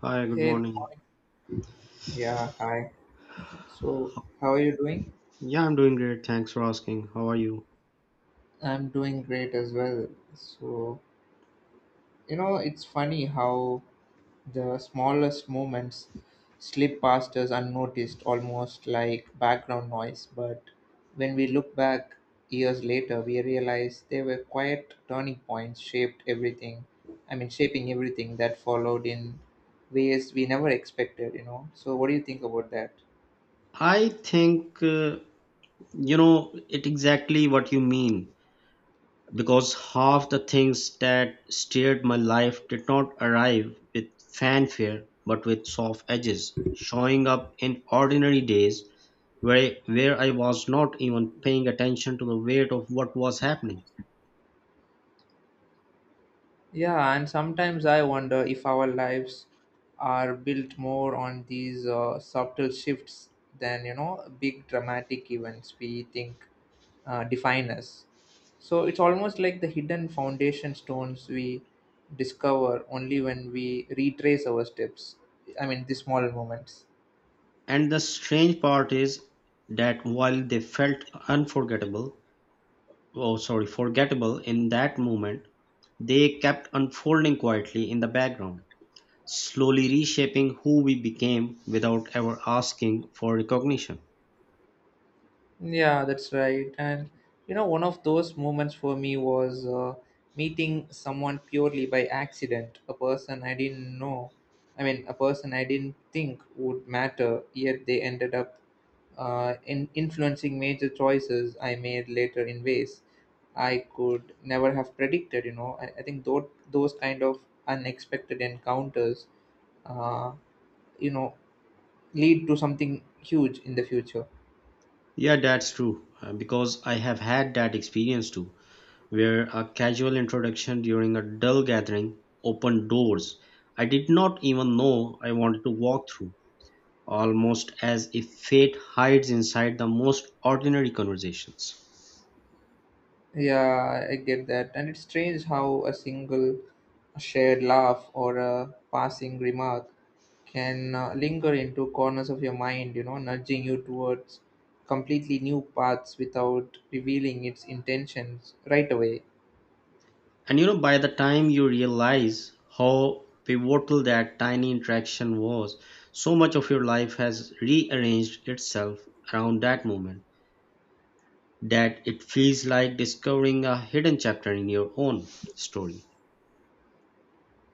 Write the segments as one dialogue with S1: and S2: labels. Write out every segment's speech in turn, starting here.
S1: Hi, good
S2: Hey,
S1: morning.
S2: yeah, hi. So, how are you doing?
S1: Yeah, I'm doing great. Thanks for asking. How are you?
S2: I'm doing great as well. So, you know, it's funny how the smallest moments slip past us unnoticed, almost like background noise. But when we look back years later, we realize they were quiet turning points, shaped everything. I mean, shaping everything that followed in ways we never expected, you know. So, what do you think about that?
S1: I think, you know, it exactly what you mean because half the things that steered my life did not arrive with fanfare but with soft edges, showing up in ordinary days where I was not even paying attention to the weight of what was happening.
S2: Yeah, and sometimes I wonder if our lives are built more on these subtle shifts than, you know, big dramatic events we think define us. So it's almost like the hidden foundation stones we discover only when we retrace our steps. I mean, the small moments.
S1: And the strange part is that while they felt unforgettable, oh sorry, forgettable in that moment, they kept unfolding quietly in the background, slowly reshaping who we became without ever asking for recognition.
S2: Yeah, that's right. And you know, one of those moments for me was meeting someone purely by accident, a person I didn't know. I mean, a person I didn't think would matter, yet they ended up in influencing major choices I made later in ways I could never have predicted. You know, I think those kind of unexpected encounters, uh, you know, lead to something huge in the future.
S1: Yeah, that's true, because I have had that experience too, where a casual introduction during a dull gathering opened doors I did not even know I wanted to walk through, almost as if fate hides inside the most ordinary conversations.
S2: Yeah, I get that. And it's strange how a single shared laugh or a passing remark can linger into corners of your mind, you know, nudging you towards completely new paths without revealing its intentions right away.
S1: And you know, by the time you realize how pivotal that tiny interaction was, so much of your life has rearranged itself around that moment that it feels like discovering a hidden chapter in your own story.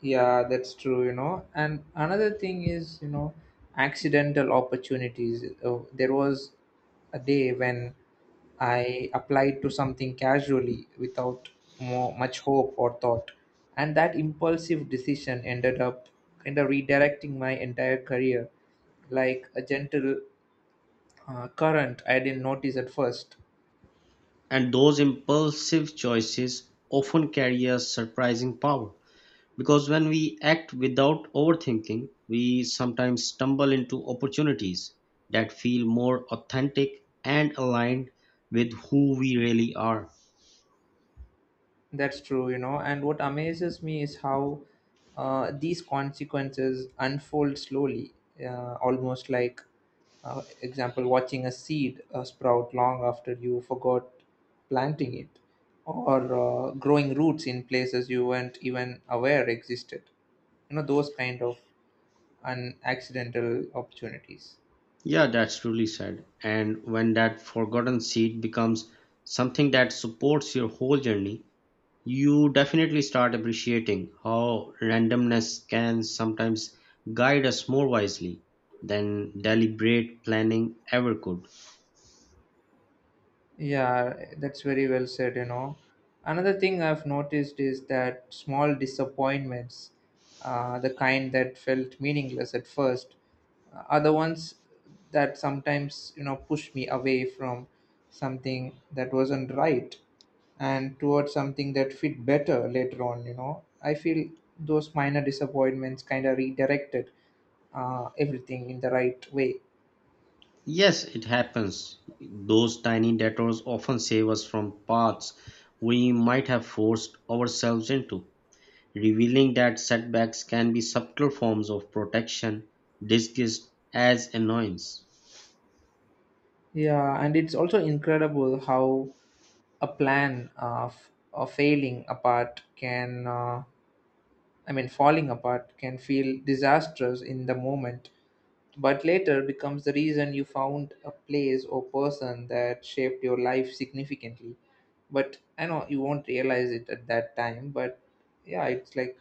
S2: Yeah, that's true, you know. And another thing is, you know, accidental opportunities. There was a day when I applied to something casually without much hope or thought. And that impulsive decision ended up kind of redirecting my entire career like a gentle current I didn't notice at first.
S1: And those impulsive choices often carry a surprising power. Because when we act without overthinking, we sometimes stumble into opportunities that feel more authentic and aligned with who we really are.
S2: That's true, you know. And what amazes me is how these consequences unfold slowly, uh, almost like, example, watching a seed sprout long after you forgot planting it, or growing roots in places you weren't even aware existed. You know, those kind of an accidental opportunities.
S1: Yeah, that's truly said. And when that forgotten seed becomes something that supports your whole journey, you definitely start appreciating how randomness can sometimes guide us more wisely than deliberate planning ever could.
S2: Yeah, that's very well said, you know. Another thing I've noticed is that small disappointments, the kind that felt meaningless at first, are the ones that sometimes, you know, push me away from something that wasn't right and towards something that fit better later on, you know. I feel those minor disappointments kind of redirected everything in the right way.
S1: Yes, it happens. Those tiny detours often save us from paths we might have forced ourselves into, revealing that setbacks can be subtle forms of protection disguised as annoyance.
S2: Yeah, and it's also incredible how a plan of failing apart can, I mean, falling apart can feel disastrous in the moment, but later becomes the reason you found a place or person that shaped your life significantly. But I know you won't realize it at that time, but yeah, it's like,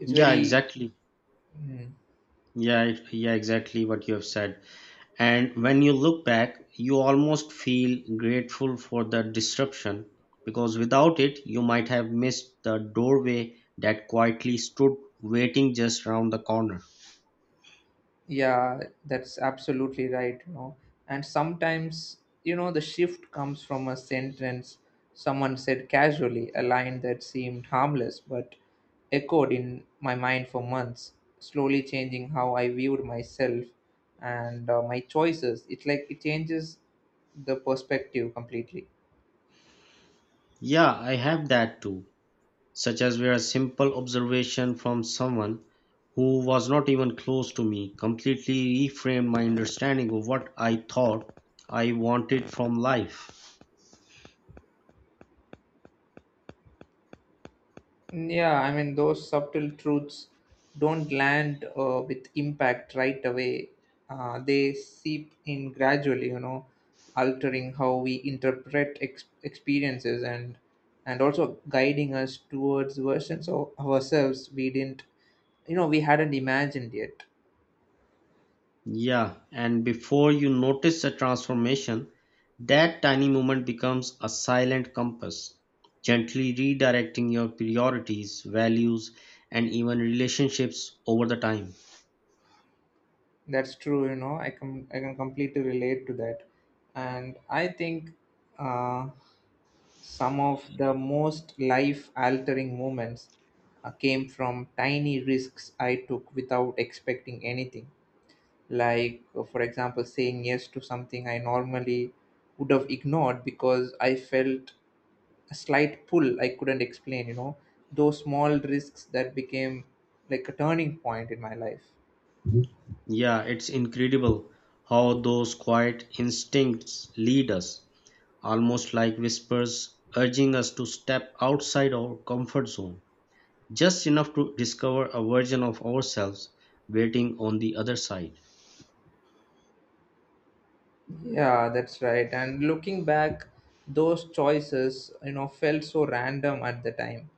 S2: it's
S1: Yeah,
S2: very.
S1: exactly.
S2: mm,
S1: Yeah, exactly what you have said. And when you look back, you almost feel grateful for the disruption because without it, you might have missed the doorway that quietly stood waiting just around the corner.
S2: Yeah, that's absolutely right, you know. And sometimes, you know, the shift comes from a sentence someone said casually, a line that seemed harmless but echoed in my mind for months, slowly changing how I viewed myself and my choices. It's like it changes the perspective completely.
S1: Yeah, I have that too, such as where a simple observation from someone who was not even close to me completely reframed my understanding of what I thought I wanted from life.
S2: Yeah, I mean, those subtle truths don't land with impact right away. They seep in gradually, you know, altering how we interpret experiences and also guiding us towards versions of ourselves we didn't, you know, we hadn't imagined yet.
S1: Yeah, and before you notice a transformation, that tiny moment becomes a silent compass, gently redirecting your priorities, values, and even relationships over the time.
S2: That's true, you know. I can completely relate to that, and I think. Uh, Some of the most life altering moments came from tiny risks I took without expecting anything. Like, for example, saying yes to something I normally would have ignored because I felt a slight pull I couldn't explain, you know, those small risks that became like a turning point in my life.
S1: Yeah, it's incredible how those quiet instincts lead us, almost like whispers urging us to step outside our comfort zone, just enough to discover a version of ourselves waiting on the other side.
S2: Yeah, that's right. And looking back, those choices, you know, felt so random at the time,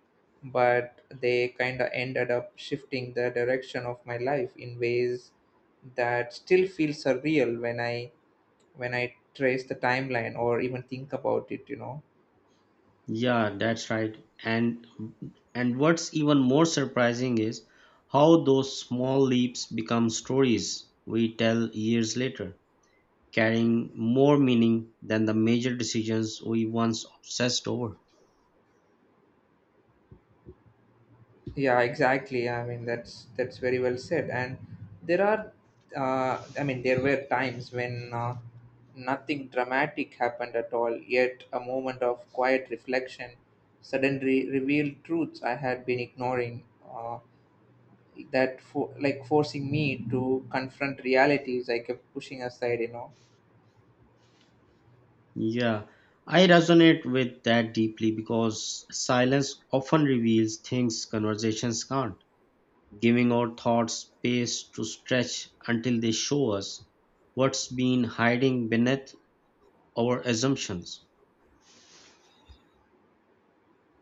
S2: but they kind of ended up shifting the direction of my life in ways that still feel surreal when I trace the timeline or even think about it, you know.
S1: Yeah, that's right. And and what's even more surprising is how those small leaps become stories we tell years later, carrying more meaning than the major decisions we once obsessed over.
S2: Yeah, exactly. I mean, that's very well said. And there are, there were times when nothing dramatic happened at all. Yet a moment of quiet reflection suddenly revealed truths I had been ignoring. That for like forcing me to confront realities I kept pushing aside. You know,
S1: Yeah, I resonate with that deeply because silence often reveals things conversations can't, giving our thoughts space to stretch until they show us what's been hiding beneath our assumptions.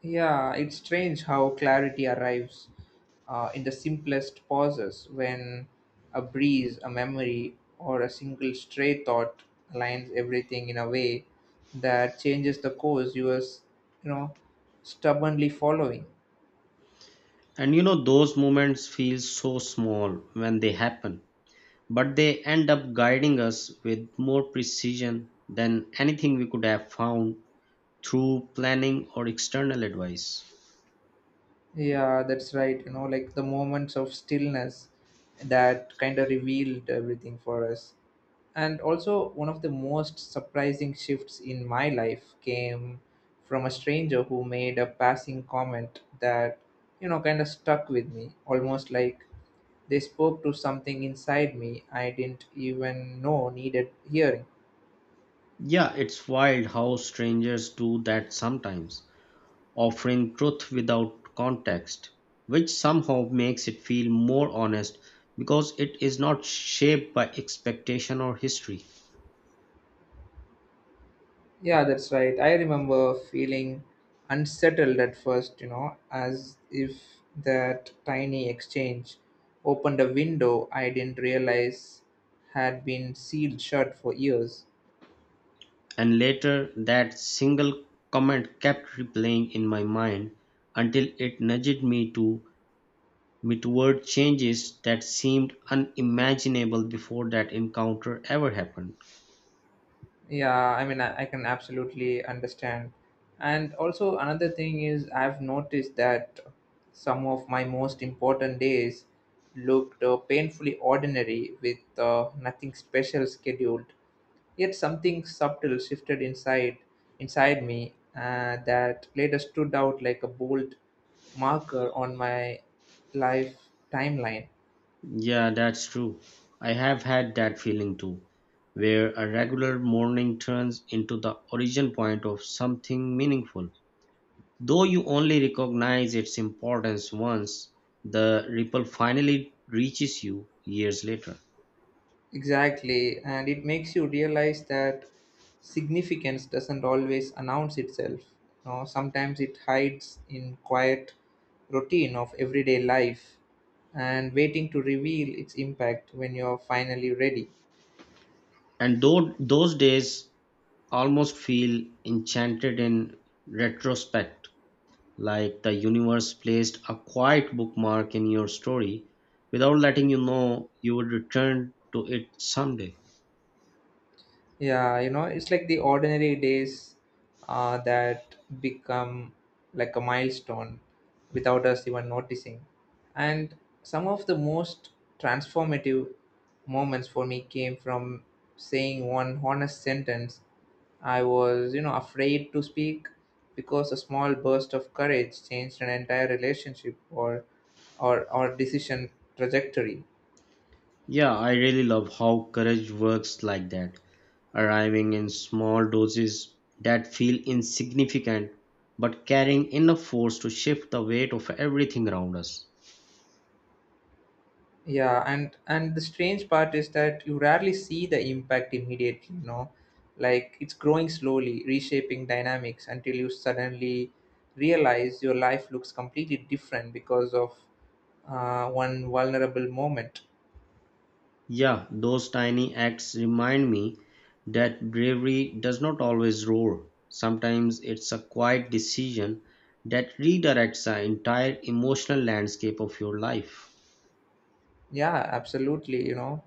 S2: yeah, it's strange how clarity arrives in the simplest pauses when a breeze, a memory, or a single stray thought aligns everything in a way that changes the course you were, you know, stubbornly following.
S1: And you know, those moments feel so small when they happen, but they end up guiding us with more precision than anything we could have found through planning or external advice.
S2: Yeah, that's right. You know, like the moments of stillness that kind of revealed everything for us. And also, one of the most surprising shifts in my life came from a stranger who made a passing comment that, you know, kind of stuck with me, almost like they spoke to something inside me I didn't even know needed hearing.
S1: Yeah, it's wild how strangers do that sometimes, offering truth without context, which somehow makes it feel more honest because it is not shaped by expectation or history.
S2: Yeah, that's right. I remember feeling unsettled at first, you know, as if that tiny exchange opened a window I didn't realize had been sealed shut for years.
S1: And later, that single comment kept replaying in my mind until it nudged me toward changes that seemed unimaginable before that encounter ever happened.
S2: Yeah, I mean, I can absolutely understand. And also, another thing is, I've noticed that some of my most important days looked painfully ordinary with nothing special scheduled. Yet something subtle shifted inside me that later stood out like a bold marker on my life timeline.
S1: Yeah, that's true. I have had that feeling too, where a regular morning turns into the origin point of something meaningful. Though you only recognize its importance once, the ripple finally reaches you years later.
S2: Exactly, and it makes you realize that significance doesn't always announce itself. You know, sometimes it hides in quiet routine of everyday life and waiting to reveal its impact when you're finally ready.
S1: And though those days almost feel enchanted in retrospect, like the universe placed a quiet bookmark in your story without letting you know you would return to it someday.
S2: Yeah, you know, it's like the ordinary days that become like a milestone without us even noticing. And some of the most transformative moments for me came from saying one honest sentence I was, you know, afraid to speak because a small burst of courage changed an entire relationship or decision trajectory.
S1: Yeah, I really love how courage works like that, arriving in small doses that feel insignificant but carrying enough force to shift the weight of everything around us.
S2: Yeah, and the strange part is that you rarely see the impact immediately, you know, like it's growing slowly, reshaping dynamics until you suddenly realize your life looks completely different because of one vulnerable moment.
S1: Yeah, those tiny acts remind me that bravery does not always roar. Sometimes it's a quiet decision that redirects the entire emotional landscape of your life.
S2: Yeah, absolutely, you know,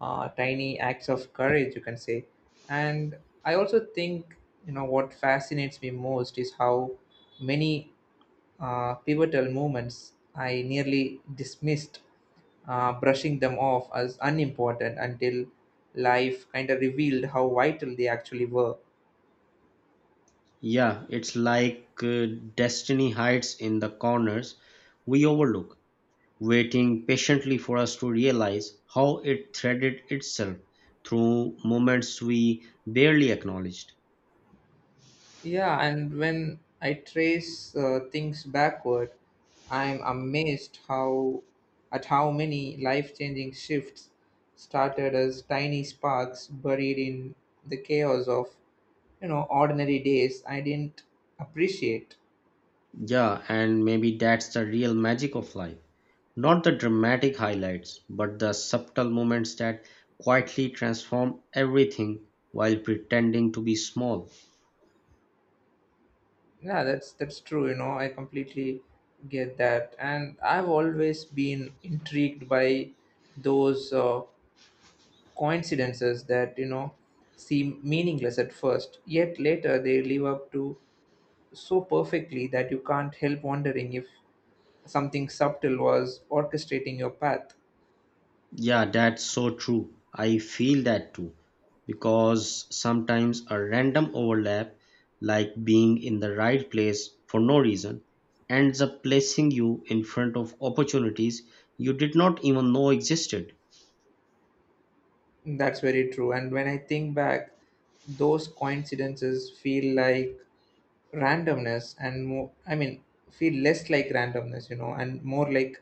S2: tiny acts of courage, you can say. And I also think, you know, what fascinates me most is how many pivotal moments, I nearly dismissed, brushing them off as unimportant until life kind of revealed how vital they actually were.
S1: Yeah, it's like destiny hides in the corners we overlook, waiting patiently for us to realize how it threaded itself through moments we barely acknowledged.
S2: Yeah, and when I trace things backward, I'm amazed how at how many life-changing shifts started as tiny sparks buried in the chaos of you know ordinary days I didn't appreciate.
S1: Yeah, and maybe that's the real magic of life. Not the dramatic highlights, but the subtle moments that quietly transform everything while pretending to be small.
S2: Yeah, that's true. You know, I completely get that, and I've always been intrigued by those coincidences that you know seem meaningless at first, yet later they live up to so perfectly that you can't help wondering if something subtle was orchestrating your path.
S1: Yeah, that's so true. I feel that too. Because sometimes a random overlap, like being in the right place for no reason, ends up placing you in front of opportunities you did not even know existed.
S2: That's very true. And when I think back, those coincidences feel like randomness and more I mean feel less like randomness, you know, and more like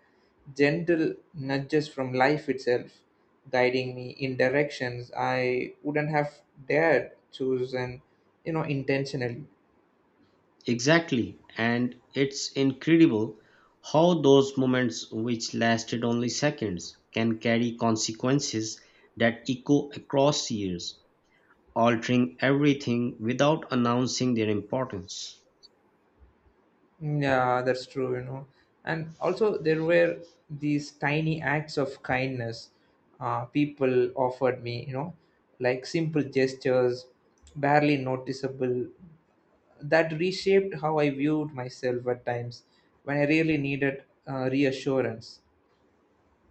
S2: gentle nudges from life itself guiding me in directions I wouldn't have dared choose and, you know, intentionally.
S1: Exactly. And it's incredible how those moments, which lasted only seconds, can carry consequences that echo across years, altering everything without announcing their importance.
S2: Yeah, that's true, you know. And also there were these tiny acts of kindness, people offered me, you know, like simple gestures barely noticeable that reshaped how I viewed myself at times when I really needed reassurance.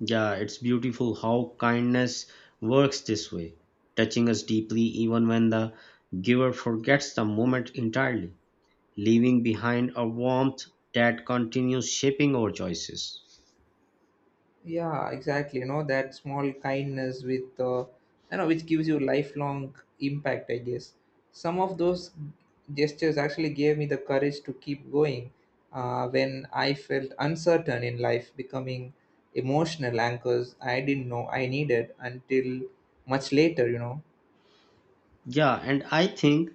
S1: Yeah, it's beautiful how kindness works this way, touching us deeply even when the giver forgets the moment entirely, leaving behind a warmth that continues shaping our choices.
S2: Yeah, exactly. You know that small kindness with, you know, which gives you lifelong impact. I guess some of those gestures actually gave me the courage to keep going when I felt uncertain in life, becoming emotional anchors I didn't know I needed until much later. You know.
S1: Yeah, and I think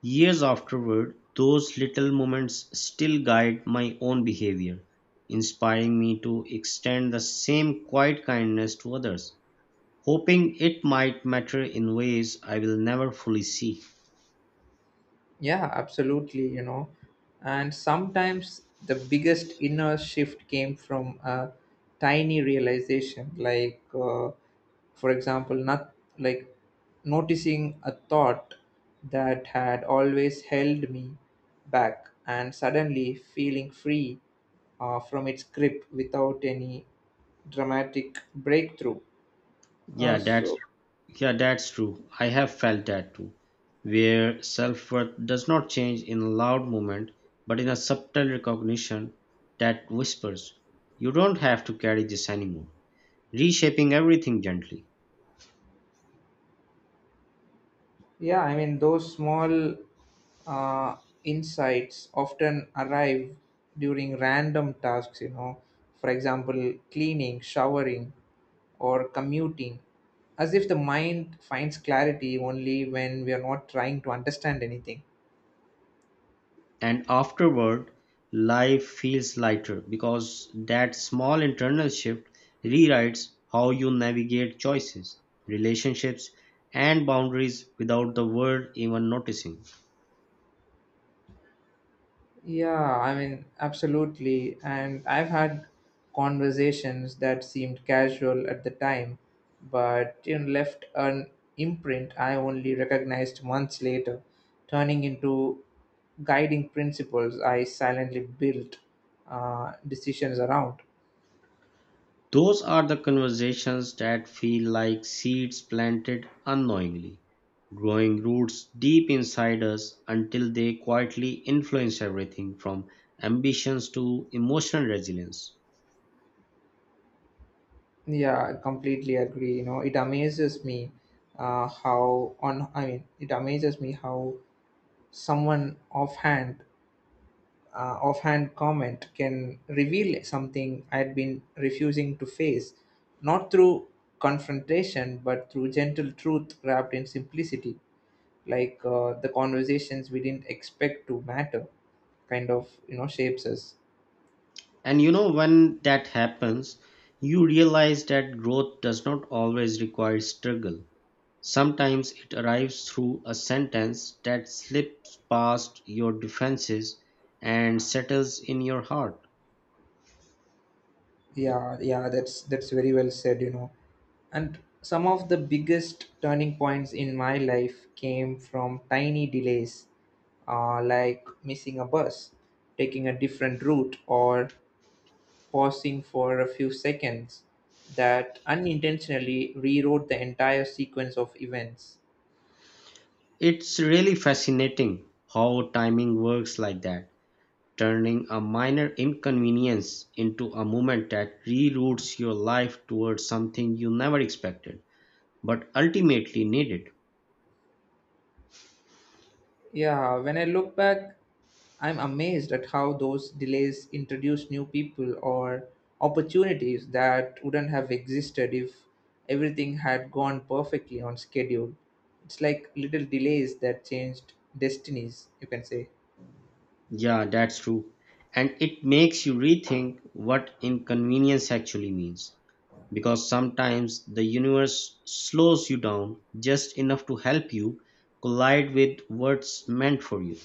S1: years afterward, those little moments still guide my own behavior, inspiring me to extend the same quiet kindness to others, hoping it might matter in ways I will never fully see.
S2: Yeah, absolutely, you know. And sometimes the biggest inner shift came from a tiny realization, like, for example, not like noticing a thought that had always held me back and suddenly feeling free from its grip without any dramatic breakthrough. Uh,
S1: Yeah,
S2: so,
S1: that's yeah, that's true. I have felt that too, where self-worth does not change in a loud moment, but in a subtle recognition that whispers, you don't have to carry this anymore, reshaping everything gently.
S2: Yeah, I mean, those small uh, insights often arrive during random tasks, you know, for example, cleaning, showering, or commuting, as if the mind finds clarity only when we are not trying to understand anything.
S1: And afterward, life feels lighter because that small internal shift rewrites how you navigate choices, relationships, and boundaries without the world even noticing.
S2: Yeah, I mean, absolutely. And I've had conversations that seemed casual at the time, but you know, left an imprint I only recognized months later, turning into guiding principles I silently built decisions around.
S1: Those are the conversations that feel like seeds planted unknowingly, growing roots deep inside us until they quietly influence everything from ambitions to emotional resilience.
S2: Yeah, I completely agree. You know, it amazes me how someone offhand comment can reveal something I'd been refusing to face, not through confrontation, but through gentle truth wrapped in simplicity, like the conversations we didn't expect to matter, kind of you know shapes us.
S1: And you know, when that happens, you realize that growth does not always require struggle. Sometimes it arrives through a sentence that slips past your defenses and settles in your heart.
S2: Yeah, that's very well said, you know. And some of the biggest turning points in my life came from tiny delays, like missing a bus, taking a different route, or pausing for a few seconds, that unintentionally rewrote the entire sequence of events.
S1: It's really fascinating how timing works like that, turning a minor inconvenience into a moment that reroutes your life towards something you never expected, but ultimately needed.
S2: Yeah, when I look back, I'm amazed at how those delays introduced new people or opportunities that wouldn't have existed if everything had gone perfectly on schedule. It's like little delays that changed destinies, you can say.
S1: Yeah, that's true. And it makes you rethink what inconvenience actually means. Because sometimes the universe slows you down just enough to help you collide with what's meant for you.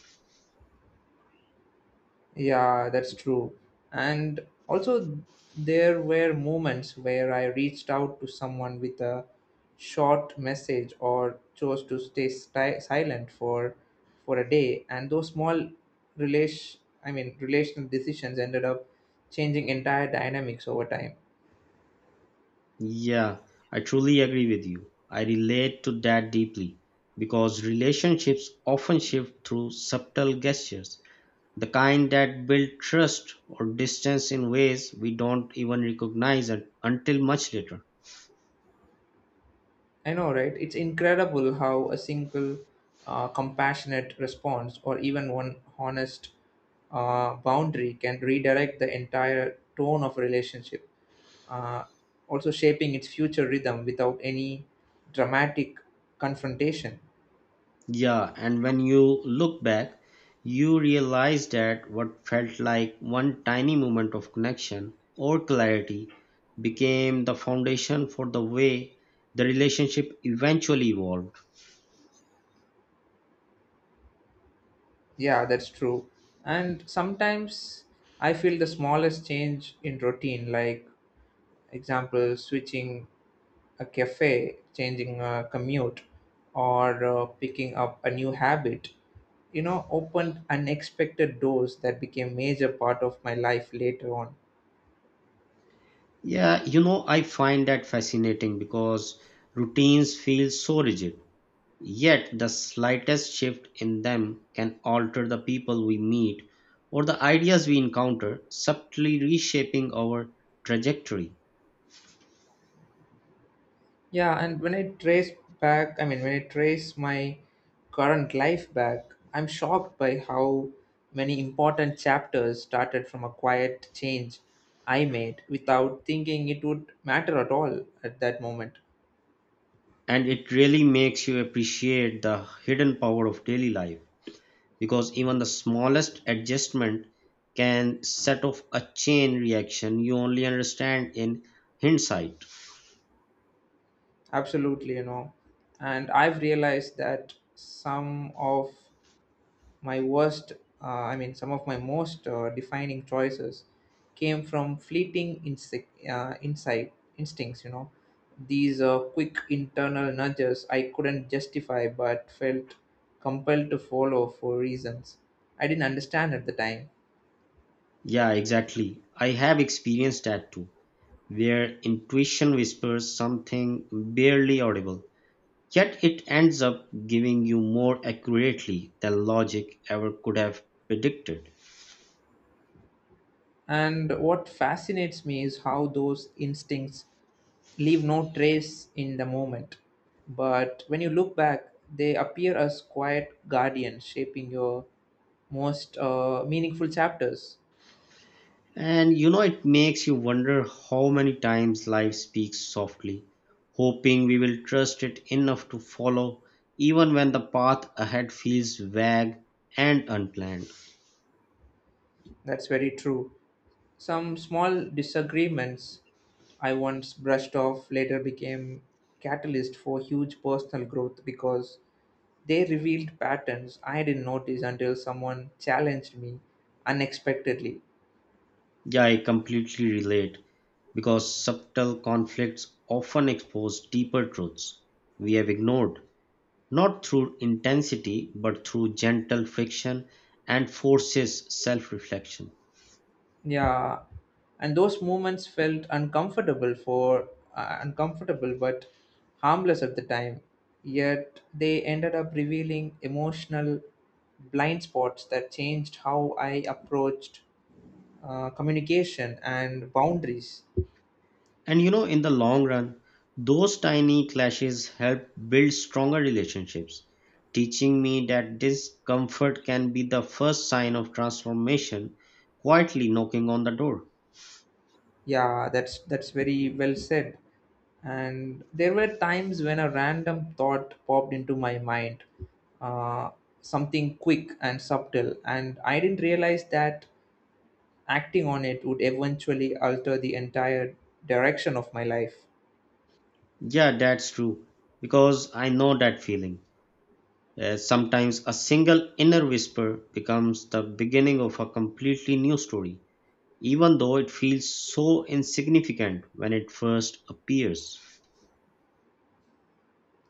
S2: Yeah, that's true. And also, there were moments where I reached out to someone with a short message or chose to stay silent for a day, and those small relational decisions ended up changing entire dynamics over time.
S1: Yeah, I truly agree with you. I relate to that deeply because relationships often shift through subtle gestures, the kind that build trust or distance in ways we don't even recognize until much later.
S2: I know, right? It's incredible how a single compassionate response or even one honest boundary can redirect the entire tone of a relationship, uh, also shaping its future rhythm without any dramatic confrontation.
S1: Yeah, and when you look back, you realize that what felt like one tiny moment of connection or clarity became the foundation for the way the relationship eventually evolved.
S2: Yeah, that's true. And sometimes I feel the smallest change in routine, like example switching a cafe, changing a commute, or picking up a new habit, you know, opened unexpected doors that became major part of my life later on.
S1: Yeah, you know, I find that fascinating because routines feel so rigid, yet the slightest shift in them can alter the people we meet or the ideas we encounter, subtly reshaping our trajectory.
S2: Yeah, and when I trace when I trace my current life back, I'm shocked by how many important chapters started from a quiet change I made without thinking it would matter at all at that moment.
S1: And it really makes you appreciate the hidden power of daily life because even the smallest adjustment can set off a chain reaction you only understand in hindsight.
S2: Absolutely, you know. And I've realized that some of my some of my most defining choices came from fleeting instincts, you know. These quick internal nudges I couldn't justify but felt compelled to follow for reasons I didn't understand at the time.
S1: Yeah, exactly. I have experienced that too, where intuition whispers something barely audible, yet it ends up giving you more accurately than logic ever could have predicted.
S2: And what fascinates me is how those instincts leave no trace in the moment. But when you look back, they appear as quiet guardians shaping your most meaningful chapters.
S1: And you know, it makes you wonder how many times life speaks softly, hoping we will trust it enough to follow, even when the path ahead feels vague and unplanned.
S2: That's very true. Some small disagreements I once brushed off later became catalyst for huge personal growth because they revealed patterns I didn't notice until someone challenged me unexpectedly.
S1: Yeah, I completely relate because subtle conflicts often expose deeper truths we have ignored, not through intensity, but through gentle friction and forces self reflection.
S2: Yeah, and those moments felt uncomfortable but harmless at the time. Yet they ended up revealing emotional blind spots that changed how I approached communication and boundaries.
S1: And you know, in the long run, those tiny clashes help build stronger relationships, teaching me that discomfort can be the first sign of transformation, quietly knocking on the door.
S2: Yeah, that's very well said. And there were times when a random thought popped into my mind, uh, something quick and subtle, and I didn't realize that acting on it would eventually alter the entire direction of my life.
S1: Yeah, that's true, because I know that feeling. As sometimes a single inner whisper becomes the beginning of a completely new story, even though it feels so insignificant when it first appears.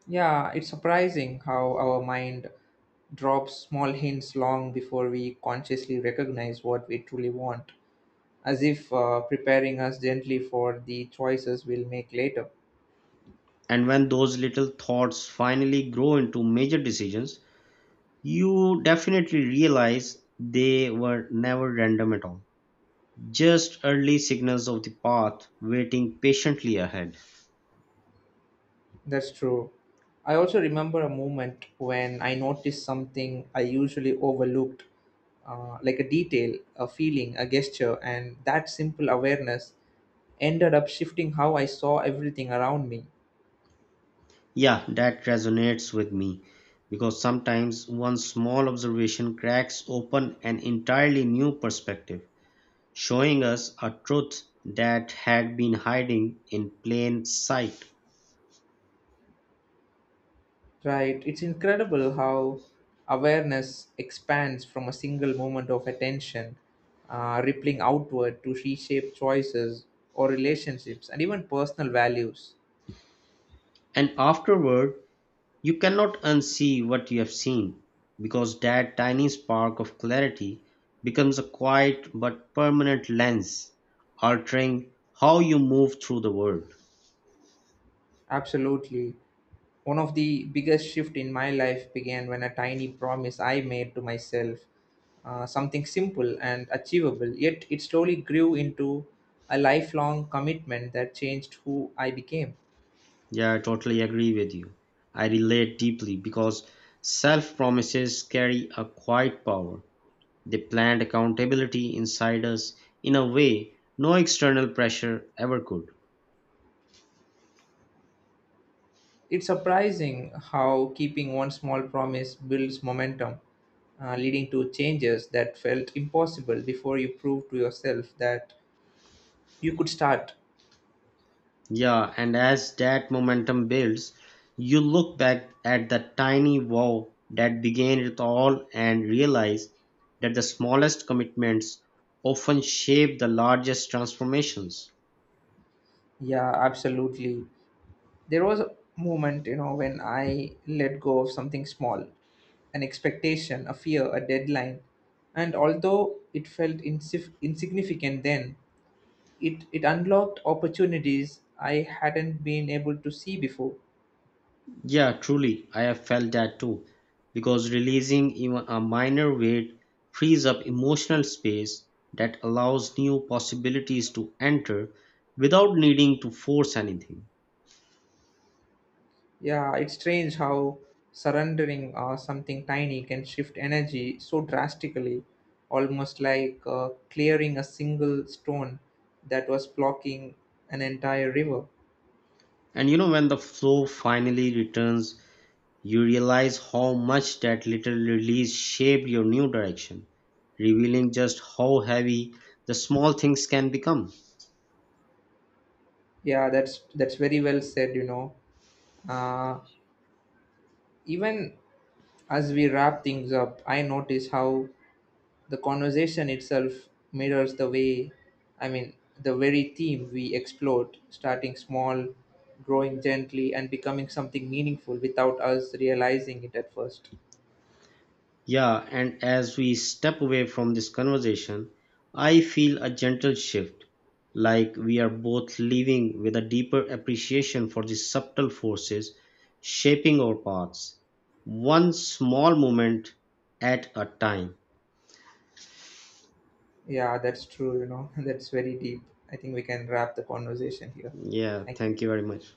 S2: Yeah, it's surprising how our mind drops small hints long before we consciously recognize what we truly want, as if preparing us gently for the choices we'll make later.
S1: And when those little thoughts finally grow into major decisions, you definitely realize they were never random at all, just early signals of the path waiting patiently ahead.
S2: That's true. I also remember a moment when I noticed something I usually overlooked, like a detail, a feeling, a gesture, and that simple awareness ended up shifting how I saw everything around me.
S1: Yeah, that resonates with me because sometimes one small observation cracks open an entirely new perspective, showing us a truth that had been hiding in plain sight.
S2: Right? It's incredible how awareness expands from a single moment of attention, rippling outward to reshape choices or relationships and even personal values.
S1: And afterward, you cannot unsee what you have seen because that tiny spark of clarity becomes a quiet but permanent lens, altering how you move through the world.
S2: Absolutely. One of the biggest shift in my life began when a tiny promise I made to myself, something simple and achievable, yet it slowly grew into a lifelong commitment that changed who I became.
S1: Yeah, I totally agree with you. I relate deeply because self promises carry a quiet power. They plant accountability inside us in a way no external pressure ever could.
S2: It's surprising how keeping one small promise builds momentum, leading to changes that felt impossible before you prove to yourself that you could start.
S1: Yeah, and as that momentum builds, you look back at the tiny wow that began it all and realize that the smallest commitments often shape the largest transformations.
S2: Yeah, absolutely. There was a moment, you know, when I let go of something small, an expectation, a fear, a deadline. And although it felt insignificant then, it unlocked opportunities I hadn't been able to see before.
S1: Yeah, truly, I have felt that too. Because releasing even a minor weight frees up emotional space that allows new possibilities to enter without needing to force anything.
S2: Yeah, it's strange how surrendering something tiny can shift energy so drastically, almost like clearing a single stone that was blocking an entire river.
S1: And you know, when the flow finally returns, you realize how much that little release shaped your new direction, revealing just how heavy the small things can become.
S2: Yeah, that's very well said. You know, uh, even as we wrap things up, I notice how the conversation itself mirrors the way I mean the very theme we explored: starting small, growing gently, and becoming something meaningful without us realizing it at first.
S1: Yeah, and as we step away from this conversation, I feel a gentle shift, like we are both leaving with a deeper appreciation for the subtle forces shaping our paths, one small moment at a time.
S2: Yeah, that's true, you know. That's very deep. I think we can wrap the conversation here.
S1: Yeah,
S2: Thank you.
S1: thank you very much.